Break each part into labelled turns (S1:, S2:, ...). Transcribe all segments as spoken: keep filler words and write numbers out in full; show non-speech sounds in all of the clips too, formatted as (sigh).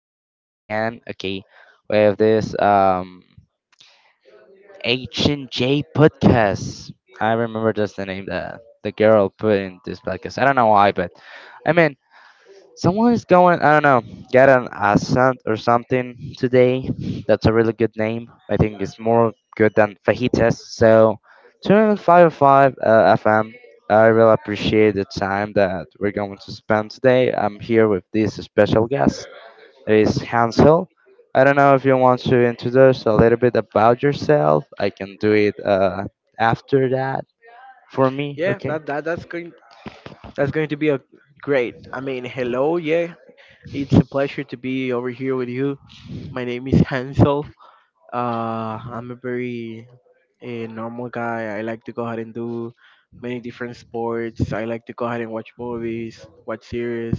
S1: are (laughs) again, okay, with this um, H and J podcast. I remember just the name that the girl put in this podcast. I don't know why, but I mean, someone is going, I don't know, get an accent or something today. That's a really good name. I think it's more good than fajitas. So, two hundred five in five oh five uh, F M. I really appreciate the time that we're going to spend today. I'm here with this special guest. It is Hansel. I don't know if you want to introduce a little bit about yourself. I can do it uh, after that for me.
S2: Yeah,
S1: Okay.
S2: that, that that's going that's going to be a great. I mean, hello, yeah. It's a pleasure to be over here with you. My name is Hansel. Uh, I'm a very a normal guy. I like to go ahead and do many different sports. I like to go ahead and watch movies, watch series,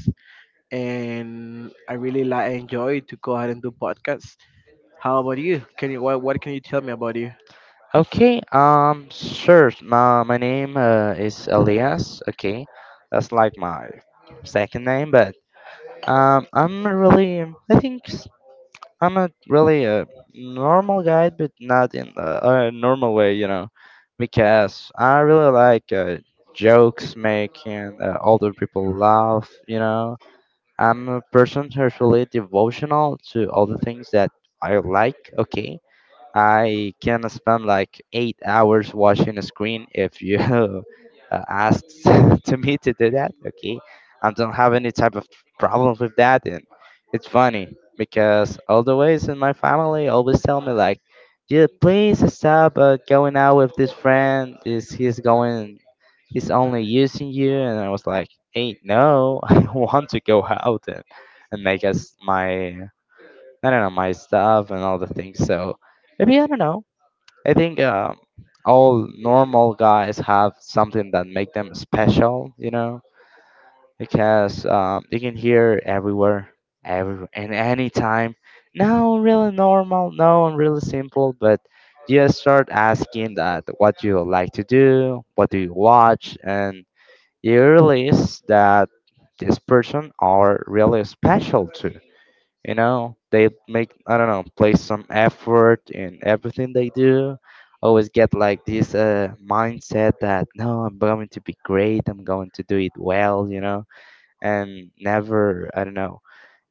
S2: and I really like enjoy to go ahead and do podcasts. How about you? Can you what what can you tell me about you?
S1: Okay, um, sure. My, my name uh, is Elias. Okay, that's like my second name, but um, I'm a really, I think s- I'm a really a normal guy, but not in a, a normal way, you know, because I really like uh, jokes making uh, older people laugh, you know. I'm a person who's really devotional to all the things that I like, okay. I can spend like eight hours watching a screen if you (laughs) uh, ask (laughs) to me to do that. Okay, I don't have any type of problems with that, and it's funny because all the ways in my family always tell me like, "Yeah, please stop uh, going out with this friend. Is he's going? He's only using you." And I was like, "Hey, no, (laughs) I want to go out and and make us my I don't know my stuff and all the things. So maybe I don't know. I think um, all normal guys have something that make them special, you know, because um, they can hear everywhere, every and anytime. No, I'm really normal. No, I'm really simple. But just start asking that what you like to do, what do you watch, and you realize that this person are really special too, you know, they make I don't know, play some effort in everything they do. Always get like this uh, mindset that no, I'm going to be great. I'm going to do it well. You know, and never I don't know.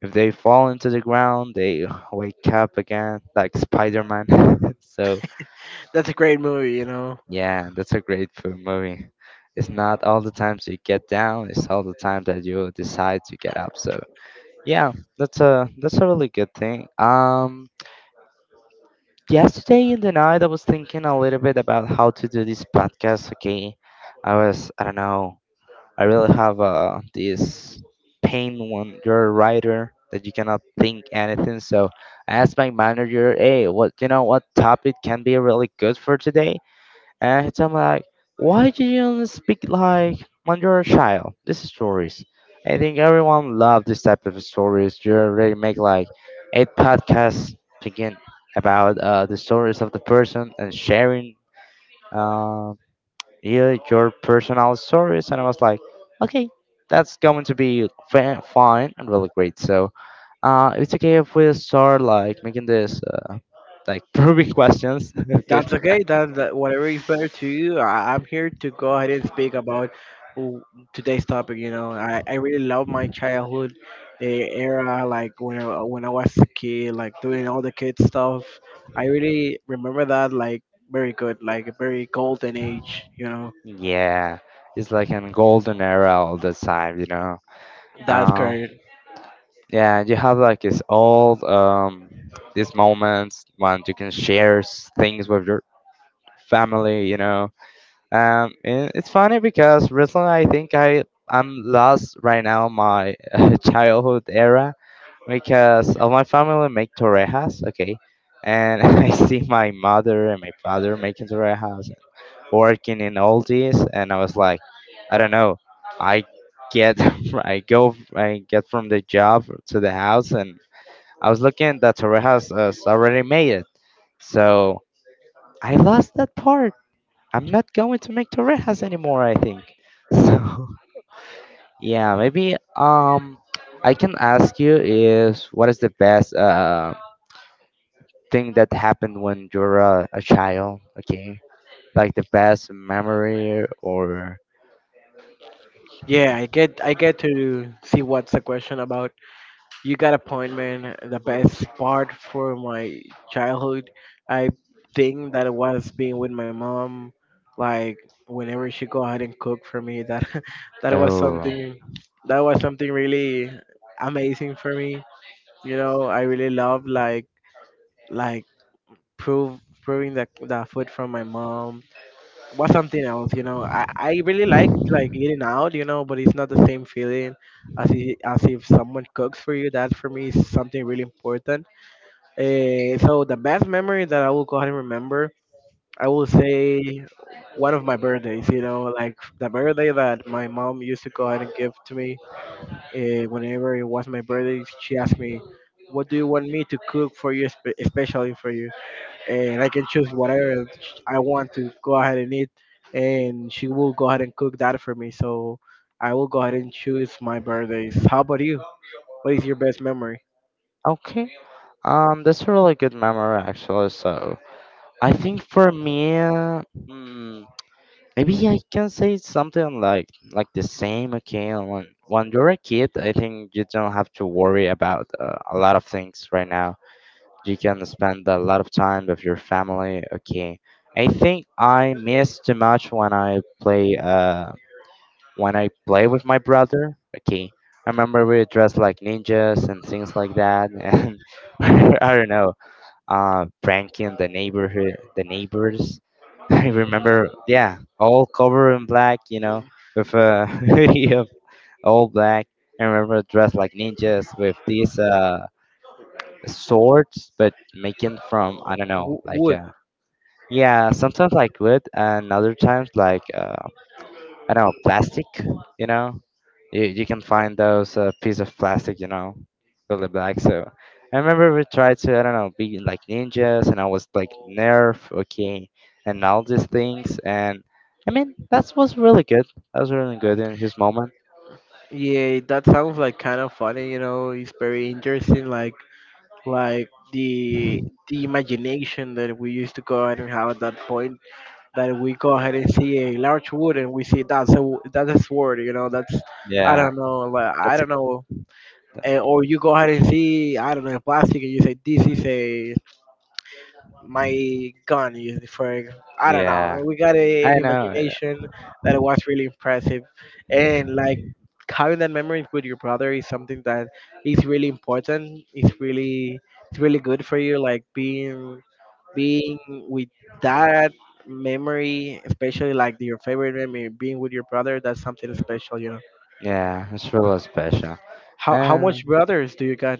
S1: If they fall into the ground, they (laughs) (sighs) wake up again like Spider-Man. (laughs) So
S2: That's a great movie, you know.
S1: yeah, that's a great fo- movie. It's not all the times you get down; it's all the time that you decide to get up. So yeah, that's a that's a really good thing. Um, yesterday in the night I was thinking a little bit about how to do this podcast. Okay, I was I don't know. I really have uh this pain when you're a writer that you cannot think anything. So I asked my manager, hey, what you know what topic can be really good for today? And I'm like, why do you speak like when you're a child? These stories. I think everyone loves this type of stories. You already make like eight podcasts again about uh, the stories of the person and sharing uh, your, your personal stories. And I was like, okay, that's going to be fa- fine and really great. So uh, it's okay if we start like making this uh, like (laughs) probing questions. (laughs) Okay.
S2: That's okay. That, that- whatever is better to you. I, I'm here to go ahead and speak about w- today's topic. You know, I, I really love my childhood eh, era, like when I, when I was a kid, like doing all the kid stuff. I really remember that like very good, like a very golden age. You know,
S1: Yeah, it's like a golden era all the time, you know.
S2: that's
S1: Um,
S2: correct.
S1: yeah, you have like this old um these moments when you can share s- things with your family, you know. Um, and it's funny because recently I think I I'm lost right now my (laughs) childhood era because all my family make torrejas, okay, and (laughs) I see my mother and my father making torrejas working in all this, and I was like, I don't know. I get, (laughs) I go, I get from the job to the house, and I was looking that Torre house has uh, already made it, so I lost that part. I'm not going to make Torrejas anymore. I think. (laughs) So yeah, maybe um, I can ask you is what is the best uh thing that happened when you were a, a child? Okay, like the best memory or
S2: Yeah, I get I get to see what's the question about. You got a point, man. The best part for my childhood, I think that it was being with my mom. Like whenever she go out and cook for me, that (laughs) that was
S1: no?
S2: something that was something really amazing for me. You know, I really love like like prove proving the the food from my mom was something else, you know. I, I really like like eating out, you know, but it's not the same feeling as if, as if someone cooks for you. That for me is something really important. Uh, so the best memory that I will go ahead and remember, I will say one of my birthdays, you know, like the birthday that my mom used to go ahead and give to me uh, whenever it was my birthday. She asked me, "What do you want me to cook for you, spe- especially for you?" And I can choose whatever I want to go ahead and eat, and she will go ahead and cook that for me. So I will go ahead and choose my birthdays. How about you? What is your best memory?
S1: Okay. Um, that's a really good memory actually. So I think for me, uh, mm, maybe I can say something like like the same. Okay, when when you're a kid, I think you don't have to worry about uh, a lot of things right now. You can spend a lot of time with your family. Okay, I think I miss too much when I play uh when I play with my brother. Okay, I remember we dressed like ninjas and things like that, (laughs) and (laughs) I don't know uh, pranking the neighborhood, the neighbors. (laughs) I remember, yeah, all covered in black, you know, with a (laughs) hoodie of all black. I remember dressed like ninjas with these uh, swords, but making from I don't know,
S2: W-
S1: like
S2: wood.
S1: uh, yeah, sometimes like wood, and other times like uh, I don't know, plastic, you know, you, you can find those uh, piece of plastic, you know, really black. So I remember we tried to I don't know be like ninjas, and I was like nerf, okay, and all these things. And I mean that was really good. That was really good in his moment.
S2: Yeah, that sounds like kind of funny. You know, it's very interesting. Like, like the the imagination that we used to go ahead and have at that point. That we go ahead and see a large wood and we see that's a w- that's a sword. You know, that's I
S1: Yeah,
S2: don't know. Like I
S1: that's a,
S2: don't know. And or you go ahead and see I don't know plastic and you say this is a my gun is for I don't know,
S1: yeah.
S2: and we got a,
S1: I
S2: an
S1: know. I know.
S2: imagination that was really impressive, and like having that memory with your brother is something that is really important, it's really it's really good for you, like being being with that memory, especially like your favorite memory being with your brother. That's something special, you know.
S1: Yeah, it's really special.
S2: how how
S1: And
S2: much brothers do you got?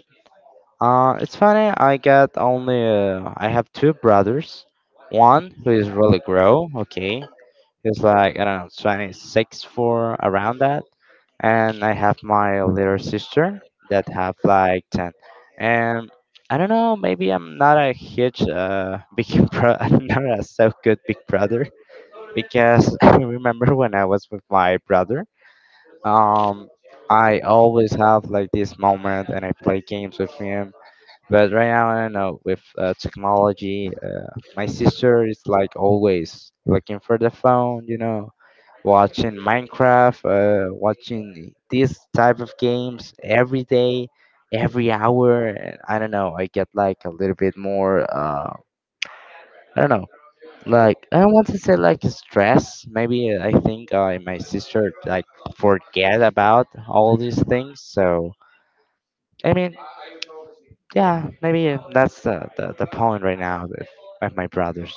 S1: uh, it's funny. I got only uh, I have two brothers. One who is really grow, okay, he's like, I don't know, twenty-six, for around that. And I have my little sister that have like ten. And I don't know, maybe I'm not a huge uh, (laughs) big bro. I'm not a so good big brother because (laughs) I remember when I was with my brother. Um, I always have like this moment and I play games with him. But right now, I don't know, with uh, technology, uh, my sister is like always looking for the phone, you know, watching Minecraft, uh, watching these type of games every day, every hour. And I don't know. I get like a little bit more. Uh, I don't know. Like I don't want to say like stress. Maybe uh, I think uh, my sister like forget about all these things. So I mean, yeah, maybe uh, that's the the, the point right now with, with my brothers.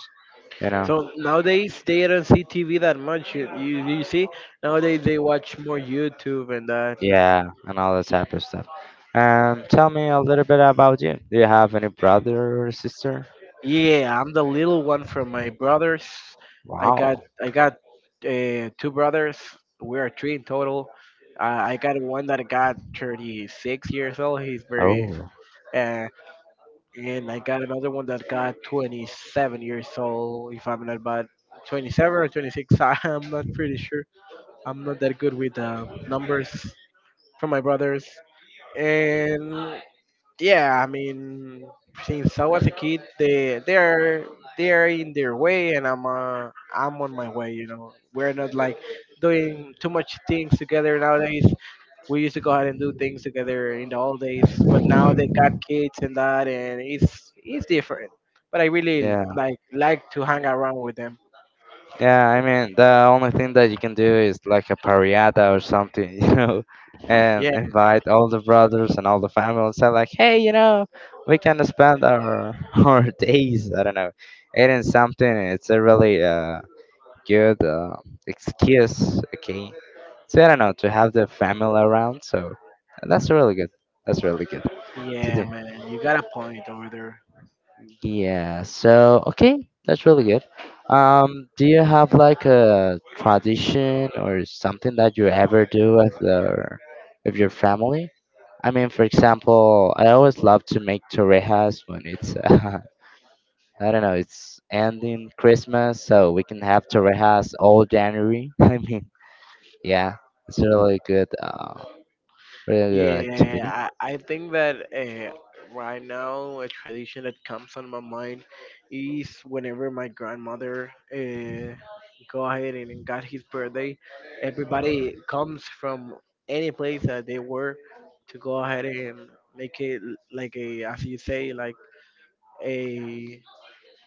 S1: You know.
S2: So nowadays they don't see T V that much. You, you you see, nowadays they watch more YouTube and that.
S1: Yeah, and all that type of stuff. Um, tell me a little bit about you. Do you have any brother or sister?
S2: Yeah, I'm the little one from my brothers. I got
S1: Wow.
S2: I got uh, two brothers. We are three in total. Uh, I got one that got thirty-six years old. He's very
S1: Oh.
S2: uh, and I got another one that got twenty-seven years old. If I'm not bad, twenty-seven or twenty-six. (laughs) I'm not pretty sure. I'm not that good with uh, numbers from my brothers. And yeah, I mean, since I was a kid, they they're they're in their way, and I'm uh, I'm on my way. You know, we're not like doing too much things together nowadays. We used to go out and do things together in the old days, but now they got kids and that, and it's it's different. But I really
S1: Yeah,
S2: like like to hang around with them.
S1: yeah. I mean, the only thing that you can do is like a pariada or something, (laughs) you know, and
S2: Yeah,
S1: invite all the brothers and all the family and say like, hey, you know, we can spend our (laughs) our days, I don't know, eating something. It's a really uh good uh, excuse, okay, so I don't know to have the family around. So that's really good. That's really good to
S2: yeah,
S1: do.
S2: man, you got a point over there.
S1: Yeah. So okay, that's really good. Um, do you have like a tradition or something that you ever do with the with your family? I mean, for example, I always love to make torrejas when it's (laughs) uh, I don't know, it's ending Christmas, so we can have torrejas all January. (laughs) I mean, yeah, it's a really good, uh, really good activity.
S2: Yeah, I, I think that uh, right now a tradition that comes on my mind is whenever my grandmother uh, go ahead and got his birthday, everybody comes from any place that they were to go ahead and make it l- like a, as you say, like a,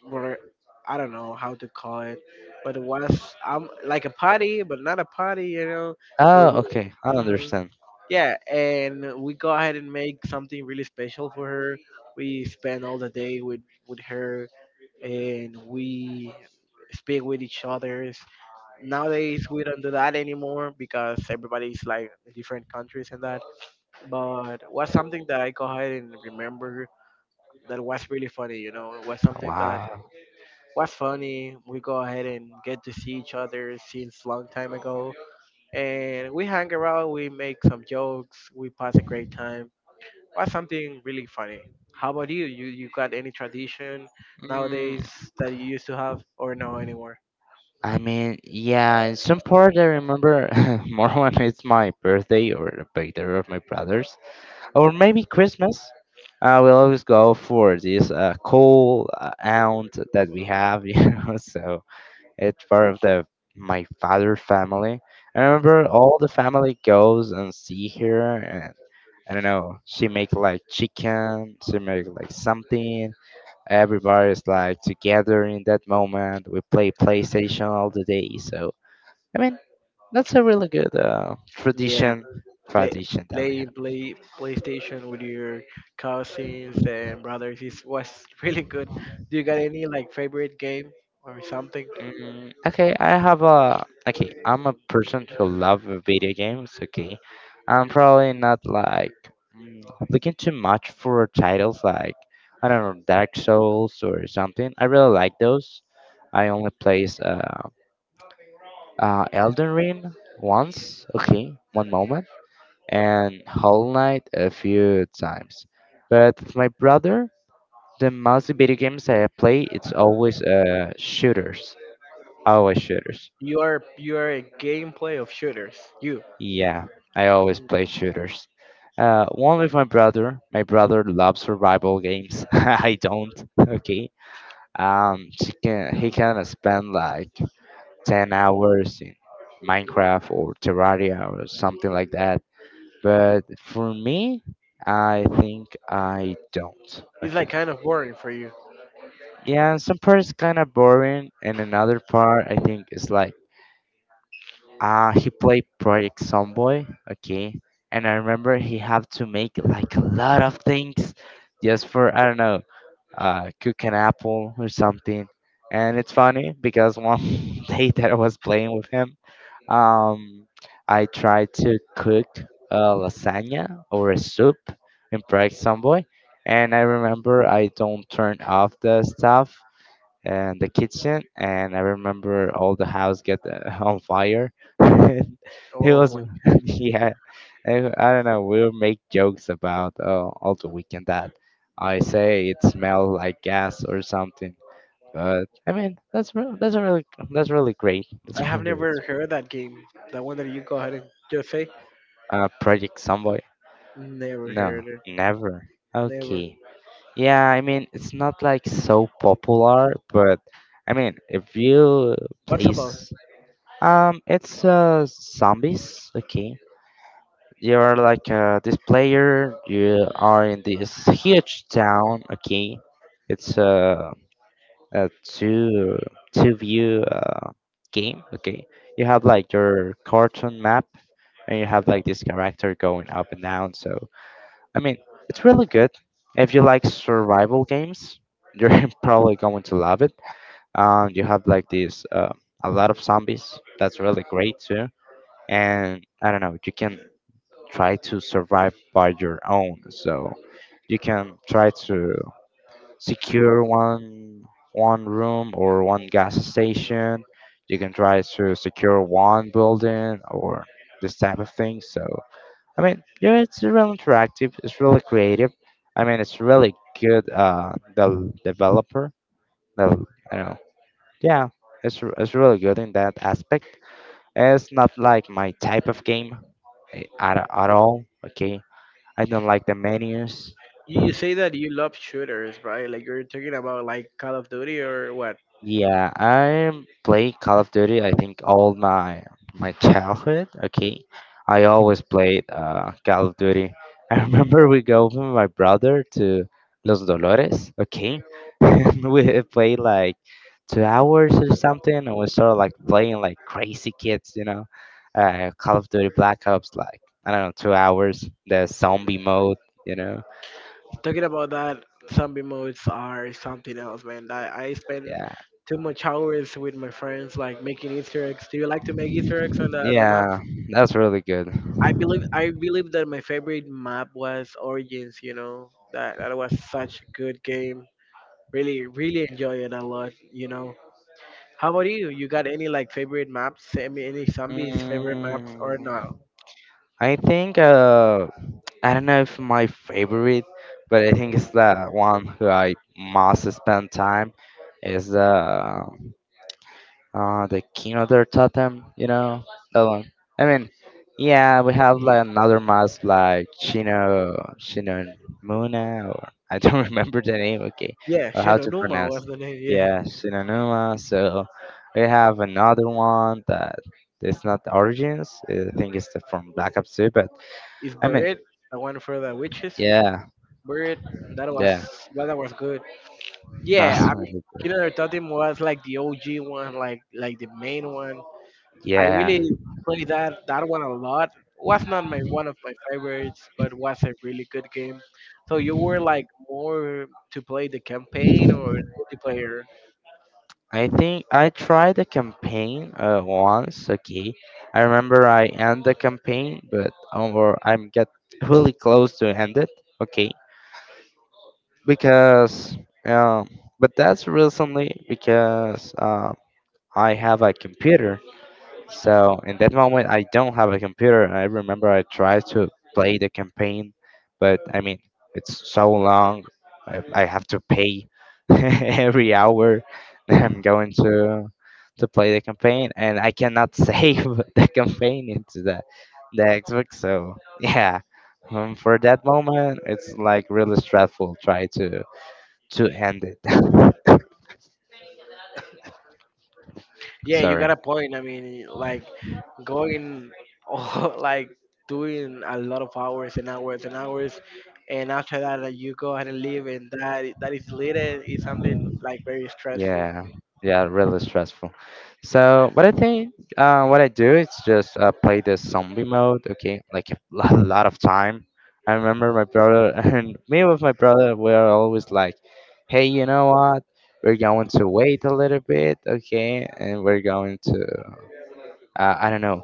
S2: where- I don't know how to call it, but it was um, like a party, but not a party, you know, but
S1: Oh, okay. I
S2: it,
S1: understand.
S2: yeah, and we go ahead and make something really special for her. We spend all the day with with her, and we speak with each other. Nowadays, we don't do that anymore because everybody's like in different countries and that. But was something that I go ahead and remember that was really funny. You know, it was something that
S1: Wow.
S2: was funny. We go ahead and get to see each other since long time ago, and we hang around. We make some jokes. We pass a great time. What's something really funny? How about you? You you got any tradition nowadays
S1: Mm,
S2: that you used to have or no anymore?
S1: I mean, yeah, in some part I remember (laughs) more when it's my birthday or the birthday of my brothers, or maybe Christmas. Uh, we always go for this uh, cool uh, aunt that we have, (laughs) you know. So it's part of the my father family. I remember all the family goes and see her, and I don't know. She make like chicken. She make like something. Everybody's like together in that moment. We play PlayStation all the day. So I mean, that's a really good uh,
S2: Yeah,
S1: tradition
S2: play
S1: tradition that we
S2: play
S1: have.
S2: play PlayStation with your cousins and brothers is was (laughs) really good. Do you got any like favorite game or something?
S1: Mm, okay, I have a okay. I'm a person who love video games. Okay, I'm probably not like mm, looking too much for titles like I don't know Dark Souls or something. I really like those. I only plays uh, uh Elden Ring once. Okay, one moment and Hollow Knight a few times. But with my brother, the most video games I play, it's always uh, shooters. Always shooters.
S2: You are you are a gameplay of shooters. You.
S1: Yeah, I always
S2: Mhm.
S1: play shooters. Uh, one with my brother. My brother loves survival games. (laughs) I don't. Okay. Um, she can, he can spend like ten hours in Minecraft or Terraria or something like that. But for me, I think I don't.
S2: It's like
S1: Okay.
S2: kind of boring for you.
S1: Yeah, some part is kind of boring, and another part I think is like, ah, he played Project Sunboy, okay, and I remember he had to make like a lot of things just for I don't know, uh, cook an apple or something. And it's funny because one (laughs) day that I was playing with him, um, I tried to cook a lasagna or a soup in Prague Samboy. And I remember I don't turn off the stuff and the kitchen, and I remember all the house get uh, on fire. (laughs) And it
S2: Oh
S1: was,
S2: my god.
S1: (laughs) yeah, I, I don't know, we'll make jokes about uh, all the weekend that I say it smelled like gas or something. But I mean, that's re- that's a really, that's really great. (laughs) That's
S2: I have
S1: really great.
S2: never heard that game. That one that you go ahead and just say.
S1: uh Project somebody?
S2: Never
S1: No,
S2: heard it.
S1: never.
S2: Never.
S1: Okay. Yeah, I mean, it's not like so popular, but I mean, if you
S2: What's
S1: place.
S2: about?
S1: Um, it's uh zombies. Okay, you're like uh this player. You are in this huge town. Okay, it's uh a two two view uh game. Okay, you have like your cartoon map, and you have like this character going up and down. So I mean, it's really good. If you like survival games, you're (laughs) probably going to love it. Um, you have like this uh, a lot of zombies. That's really great too. And I don't know, you can try to survive by your own. So you can try to secure one one room or one gas station. You can try to secure one building or this type of thing. So I mean, yeah, it's really interactive. It's really creative. I mean, it's really good. Uh, the developer, the you know, yeah, it's r- it's really good in that aspect. It's not like my type of game, eh, at, at all. Okay, I don't like the menus.
S2: You you say that you love shooters, right? Like you're talking about like Call of Duty or what?
S1: Yeah, I play Call of Duty. I think all my my childhood. Okay, I always played uh, Call of Duty. (laughs) I remember we go with my brother to Los Dolores. Okay, (laughs) and we played like two hours or something, and we started like playing like crazy kids. You know, uh, Call of Duty Black Ops. Like I don't know, two hours. The zombie mode. You know.
S2: Talking about that, zombie modes are something else, man. I, I spend
S1: Yeah.
S2: too much hours with my friends like making Easter eggs. Do you like to make Easter eggs on the on the
S1: Yeah,
S2: maps?
S1: that's really good.
S2: I believe I believe that my favorite map was Origins, you know. That that was such a good game. Really, really enjoy it a lot, you know. How about you? You got any like favorite maps? Any any zombies favorite maps or no?
S1: Mm, I think uh, I don't know if my favorite, but I think it's the one who I must spend time is the. Uh, the King of their Totem, you know, that one. I mean, yeah, we have like another mask like Chino, Chino Muna, or I don't (laughs) remember the name, okay,
S2: Yeah,
S1: or how to
S2: Shinonuma
S1: pronounce.
S2: was the name. (laughs) Yeah.
S1: Yeah, Shinonuma. So we have another one that it's not the origins. I think it's the, from Black Ops two, but
S2: Is
S1: I mean,
S2: Buried, the one for the witches.
S1: yeah,
S2: Buried, that was
S1: yeah,
S2: well, that was good.
S1: (laughs) not,
S2: Yeah, I mean, Killer Totem was like the O G one, like like the main one. I
S1: yeah.
S2: really played that that one a lot. Was not my one of my favorites, but was a really good game. So you were like more to play the campaign or multiplayer?
S1: I think I tried the campaign uh, once. Okay, I remember I end the campaign, but um, or I'm get really close to end it. Okay, because um, but that's recently because uh, I have a computer, so in that moment, I don't have a computer. And I remember I tried to play the campaign, but I mean, it's so long. I, I have to pay (laughs) every hour that I'm going to to play the campaign, and I cannot save (laughs) the campaign into the the Xbox. So yeah, um, for that moment, it's like really stressful. Try to to end it. (laughs)
S2: Yeah, you
S1: Sorry.
S2: got a point. I mean, like going, all- (laughs) like doing a lot of hours and hours and hours, and after that, like, you go ahead and leave, and that i- that is later is something like very stressful.
S1: Yeah, yeah, really (laughs) stressful. So, what I think, uh, what I do is just uh, play the zombie mode. Okay, like a lot, a lot of time. I remember my brother (laughs) and me with my brother. We are always like, "Hey, you know what? We're going to wait a little bit, okay, and we're going to." uh, I don't know,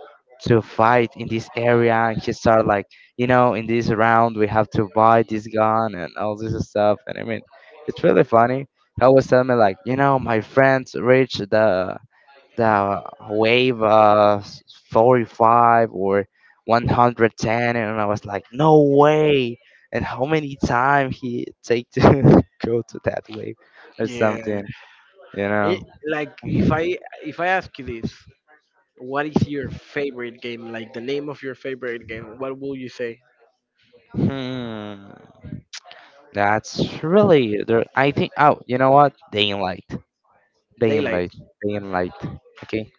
S1: to fight in this area. And he started like, you know, in this round we have to buy this gun and all this stuff. And I mean, it's really funny. He always tell me like, you know, my friends reached the the wave uh, s- forty-five or one hundred ten, and I was like, no way. And how many time he take to (laughs) go to that wave or
S2: Yeah,
S1: something, you know?
S2: it, like if I if I ask you this, what is your favorite game? Like the name of your favorite game? What will you say?
S1: Hmm. That's really there. I think. Oh, you know what? Day and light. Day and
S2: Daylight.
S1: light. Day and light. Okay.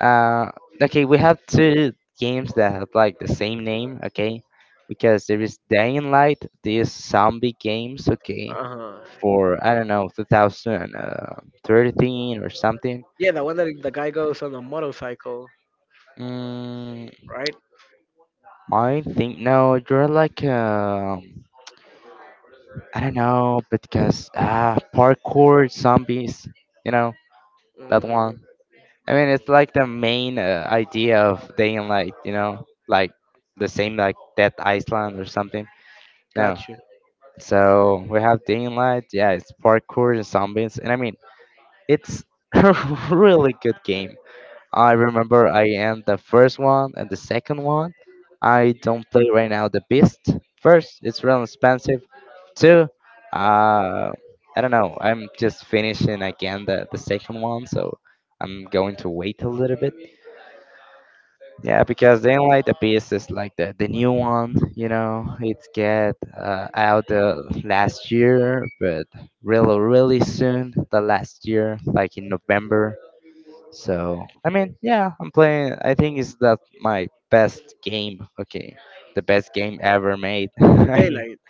S1: Uh. Okay. We have two games that have like the same name. Okay. Because there is Day and Light. These zombie games. Okay.
S2: Uh huh.
S1: For I don't know, two thousand thirteen or something.
S2: Yeah, the one that the guy goes on a motorcycle,
S1: Mm,
S2: right?
S1: I think no. You're like um. I don't know, because ah, parkour zombies. You know that
S2: Mm,
S1: one. I mean, it's like the main uh, idea of Day and Light, you know, like the same like Death Island or something. No,
S2: got you.
S1: so we have Day and Light. Yeah, it's parkour and zombies, and I mean, it's (laughs) a really good game. I remember I am the first one and the second one. I don't play right now the Beast. First, it's real expensive. Two, uh, I don't know. I'm just finishing again the the second one, so I'm going to wait a little bit. Yeah, because they don't like the pieces like the the new one, you know, it get uh, out uh, last year, but really really soon, the last year, like in November. So I mean, yeah, I'm playing. I think it's that my best game. Okay, the best game ever made. (laughs) I mean,
S2: Daylight.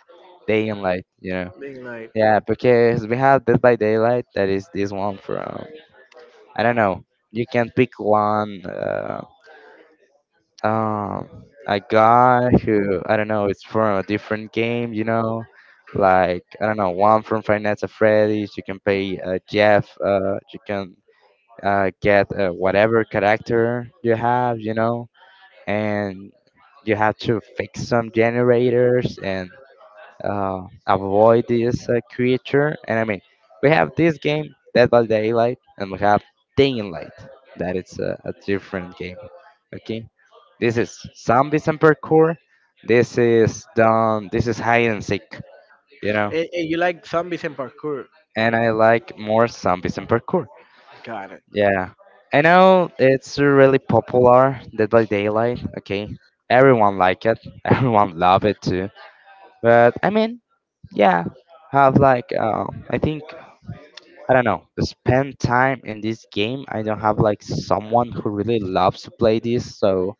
S1: Day and light, you know.
S2: Daylight.
S1: Yeah, because we have Dead by Daylight. That is this one from I don't know. You can pick one. Uh, um a guy who I don't know, it's from a different game, you know, like I don't know, one from Five Nights at Freddy's. You can play uh, Jeff. Uh, you can uh, get uh, whatever character you have, you know, and you have to fix some generators and uh, avoid this uh, creature. And I mean, we have this game, Dead by Daylight, and we have Daylight. That is a, a different game. Okay, this is zombies and parkour. This is done. This is hide and seek. You know,
S2: And, and you like zombies and parkour.
S1: and I like more zombies and parkour.
S2: Got it.
S1: Yeah, I know it's really popular. Dead by Daylight. Okay, everyone like it. (laughs) Everyone love it too. But I mean, yeah, have like uh, I think I don't know, spend time in this game. I don't have like someone who really loves to play this, so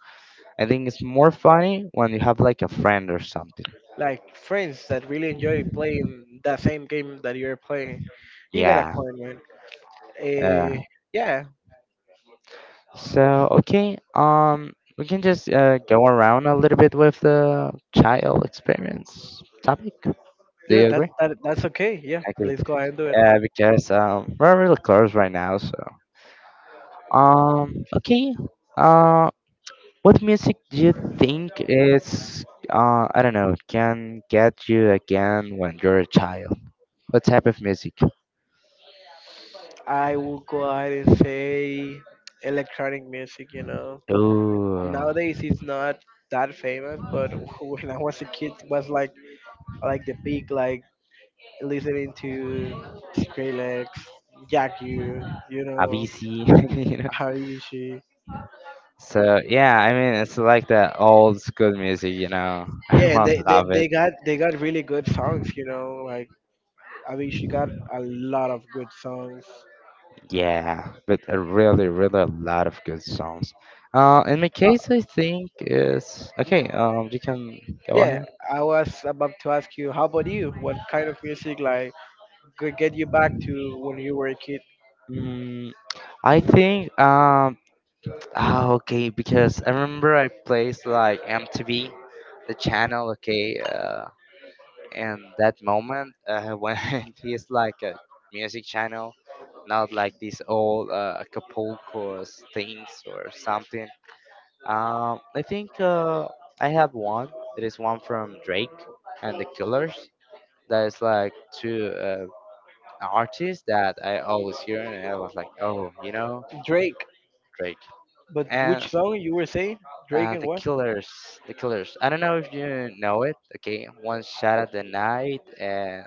S1: I think it's more funny when you have like a friend or something.
S2: Like friends that really enjoy playing that same game that you're playing. You got a
S1: Yeah.
S2: point, man.
S1: Uh,
S2: Uh, yeah,
S1: so okay, um, we can just uh, go around a little bit with the child experience topic. Do
S2: yeah,
S1: you
S2: that,
S1: agree?
S2: that that's okay. Yeah,
S1: I agree.
S2: please go ahead and do it.
S1: Yeah, because um, we're really close right now. So um, okay. Uh. What music do you think is, uh, I don't know, can get you again when you're a child? What type of music?
S2: I will go ahead and say electronic music. You know,
S1: Oh,
S2: nowadays it's not that famous, but (laughs) when I was a kid, it was like like the peak, like listening to Skrillex, Jack U, you know,
S1: Avicii. (laughs) You know?
S2: Harishi.
S1: So yeah, I mean, it's like the old school music, you know. (laughs)
S2: Yeah, and
S1: Everyone
S2: they, they,
S1: love it.
S2: they got they got really good songs, you know. Like I mean, she got a lot of good songs.
S1: Yeah, but a really, really a lot of good songs. Uh, in my
S2: Uh,
S1: case, I think is okay. Um, you can go
S2: yeah,
S1: ahead.
S2: I was about to ask you, how about you? What kind of music like could get you back to when you were a kid?
S1: Mm, I think um ah, okay, because I remember I placed like M T V, the channel, okay, uh, and that moment uh, (laughs) when he's like a music channel, not like these old uh, Acapulco things or something. Um, I think uh, I have one. It is one from Drake and the Killers. That is like two uh, artists that I always hear, and I was like, oh, you know,
S2: Drake,
S1: Drake.
S2: but which
S1: And
S2: song you were saying? Drake
S1: Uh,
S2: and
S1: the
S2: what?
S1: Killers, the Killers. I don't know if you know it. Okay, one shot at the night, and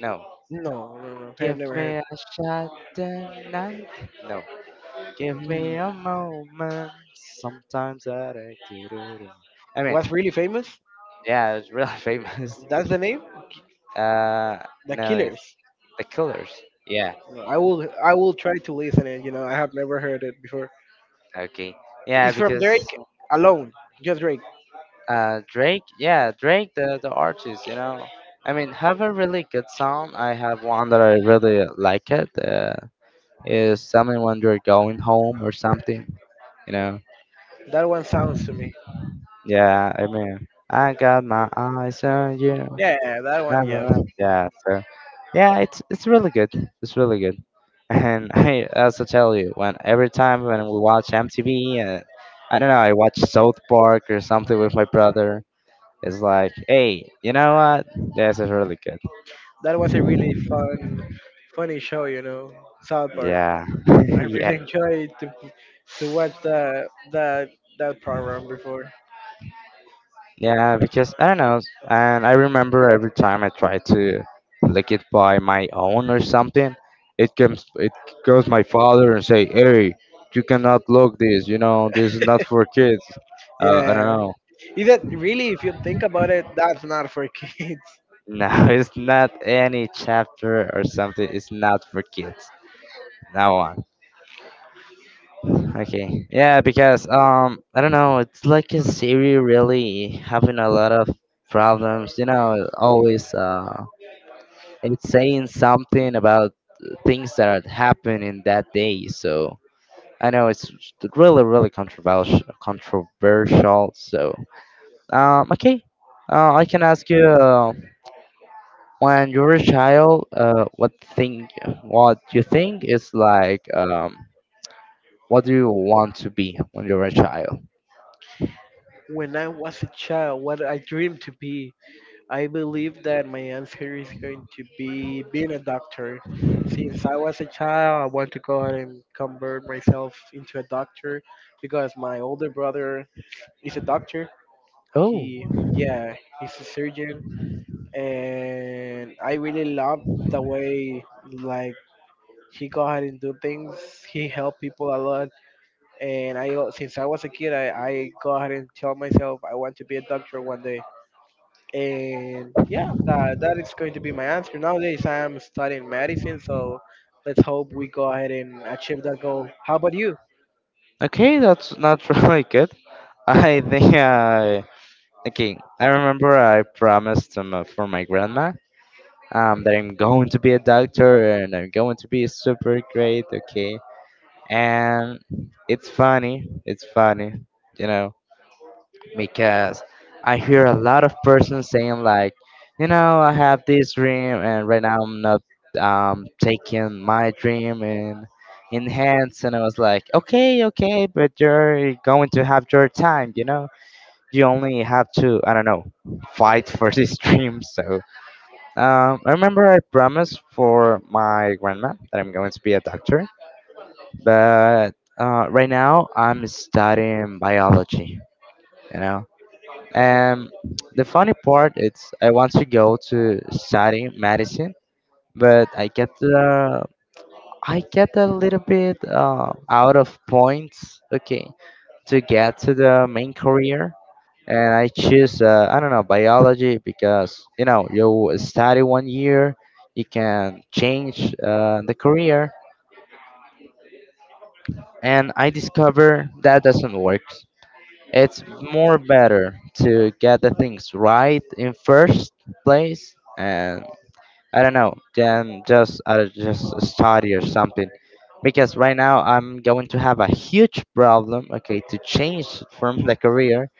S1: no.
S2: No, no, no, I've
S1: Give
S2: never heard.
S1: me a shot tonight. No. Give
S2: Mm.
S1: me a moment. Sometimes I like to do it. I mean,
S2: What's really famous?
S1: yeah, it's really (laughs) famous.
S2: That's the name.
S1: Uh,
S2: The
S1: no, it's
S2: Killers.
S1: the Killers. Yeah.
S2: No, I will I will try to listen it. You know, I have never heard it before.
S1: Okay. Yeah,
S2: It's from
S1: because
S2: Drake alone, just Drake.
S1: Uh, Drake, yeah, Drake, the the artist, you know. I mean, have a really good song. I have one that I really like it. Uh, is something when you're going home or something, you know.
S2: That one sounds to me.
S1: Yeah, I mean, I got my eyes on you.
S2: Yeah, that one, yes.
S1: Never- Yeah, so yeah, it's it's really good. It's really good. And (laughs) I also tell you, when every time when we watch M T V, uh, I don't know, I watch South Park or something with my brother. It's like, hey, you know what? This is really good.
S2: That was a really fun, funny show, you know, South Park.
S1: Yeah,
S2: I
S1: (laughs)
S2: really
S1: yeah,
S2: (laughs) enjoyed to to watch that that that program before.
S1: yeah. Because I don't know, and I remember every time I try to lick it by my own or something, it comes, it goes my father and say, hey, you cannot look this. You know, this is not for kids. Uh, I don't
S2: Yeah,
S1: know.
S2: is that really? If you think about it, that's not for (laughs) kids.
S1: No, (laughs) it's not any chapter or something. It's not for kids. No. Okay. Yeah, because um I don't know, it's like a Siri really having a lot of problems, you know, always uh it's saying something about things that are happening that day. So I know it's really really controversial controversial. So um okay. Uh, I can ask you uh, when you were a child, uh what thing, what you think is like um what do you want to be when you were a child?
S2: When I was a child, what I dreamed to be, I believe that my answer is going to be being a doctor. Since I was a child, I want to go ahead and convert myself into a doctor because my older brother is a doctor.
S1: Oh,
S2: He, yeah, he's a surgeon, and I really love the way like he go ahead and do things. He helped people a lot, and I al- since I was a kid, I I go ahead and tell myself I want to be a doctor one day. And yeah, that, that is going to be my answer. Nowadays, I am studying medicine, so let's hope we go ahead and achieve that goal. How about you?
S1: okay, that's not (laughs) really good. I think I okay. I remember I promised um, uh, for my grandma um that I'm going to be a doctor and I'm going to be super great. Okay, and it's funny. It's funny, you know because I hear a lot of persons saying like, you know, I have this dream and right now I'm not um taking my dream in in hands, and I was like, okay, okay, but you're going to have your time, you know. You only have to, I don't know, fight for this (laughs) dream. So um, I remember I promised for my grandma that I'm going to be a doctor, but uh, right now I'm studying biology. You know, and the funny part is, I want to go to study medicine, but I get uh, I get a little bit uh, out of points. Okay, to get to the main career, and I choose uh, I don't know, biology, because you know you study one year, you can change uh, the career, and I discover that doesn't work. It's more better to get the things right in first place, and I don't know, then just uh, just study or something. Because right now I'm going to have a huge problem, okay, to change from the career,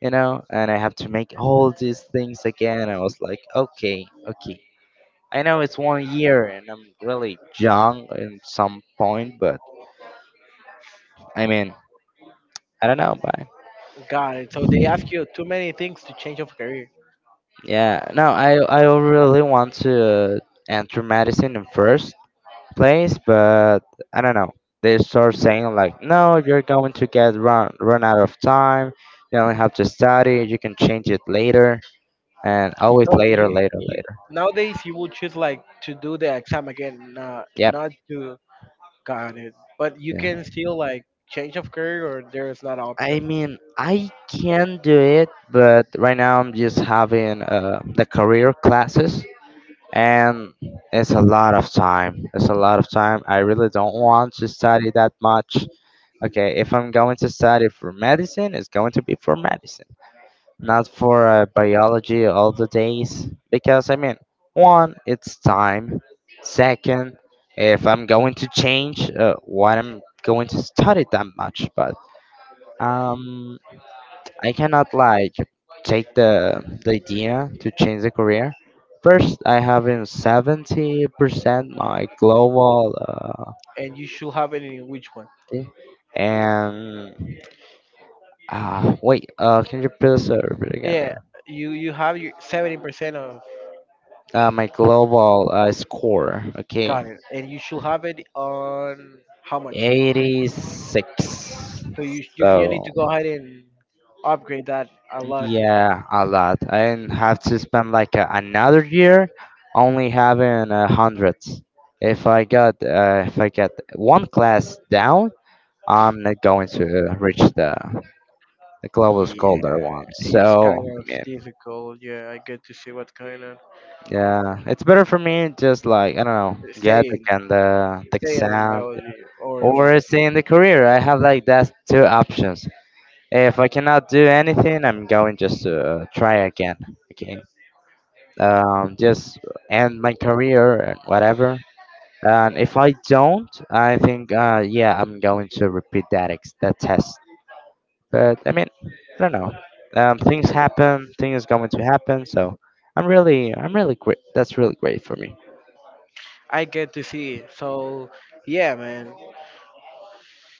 S1: you know, and I have to make all these things again. I was like, okay, okay. I know it's one year and I'm really young in some point, but I mean, I don't know.
S2: Got it. So they ask you too many things to change of career.
S1: Yeah, no, I I really want to enter medicine in first place, but I don't know. They start saying like, no, you're going to get run run out of time. You only have to study. You can change it later, and always
S2: So
S1: later,
S2: you,
S1: later,
S2: you
S1: later.
S2: nowadays you would choose like to do the exam again, not
S1: Yep.
S2: not to got it. But you
S1: Yeah.
S2: can still like change of career, or there is not an
S1: I
S2: option,
S1: mean, I can do it, but right now I'm just having uh, the career classes, and it's a lot of time. It's a lot of time. I really don't want to study that much. Okay, if I'm going to study for medicine, it's going to be for medicine, not for uh, biology all the days. Because, I mean, one, it's time. Second, if I'm going to change uh, what I'm going to study that much, but um, I cannot like take the, the idea to change the career. First, I have in seventy percent my global uh,
S2: and you should have it in which one?
S1: thing, and. Ah, wait, uh, can you please uh, repeat again?
S2: Yeah,
S1: Uh,
S2: you you have your seventy percent of
S1: uh, my global uh, score, okay?
S2: got it, and you should have it on how much?
S1: eighty-six.
S2: So you sh- you you need
S1: So,
S2: to go ahead and upgrade that a lot.
S1: yeah, a lot. I didn't have to spend like a, another year only having uh, hundreds. If I got uh, if I get one class down, I'm not going to uh, reach the the global goal there
S2: Yeah,
S1: one.
S2: it's
S1: So,
S2: kind
S1: I
S2: of
S1: mean,
S2: difficult. Yeah, I get to see what kind of
S1: yeah, it's better for me just like, I don't know, get
S2: staying
S1: again the the
S2: staying on
S1: exam
S2: biology or what
S1: or stay in the career. I have like that two options. If I cannot do anything, I'm going just to uh, try again. Okay, um, just end my career and whatever. And if I don't, I think uh, yeah, I'm going to repeat that ex- that test. But I mean, I don't know. Um, things happen. Things going to happen. So I'm really, I'm really great. That's really great for me.
S2: I get to see. So yeah, man.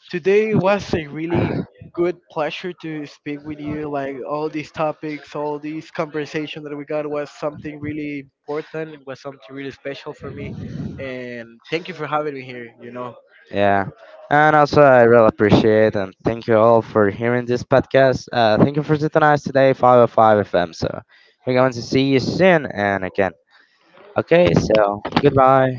S2: Today was a really good pleasure to speak with you. Like all these topics, all these conversation that we got was something really important. It was something really special for me. And thank you for having me here. You know.
S1: Yeah. And also, I really appreciate and thank you all for hearing this podcast. Uh, thank you for joining us today, five oh five F M. So, we're going to see you soon and again. Okay, so goodbye.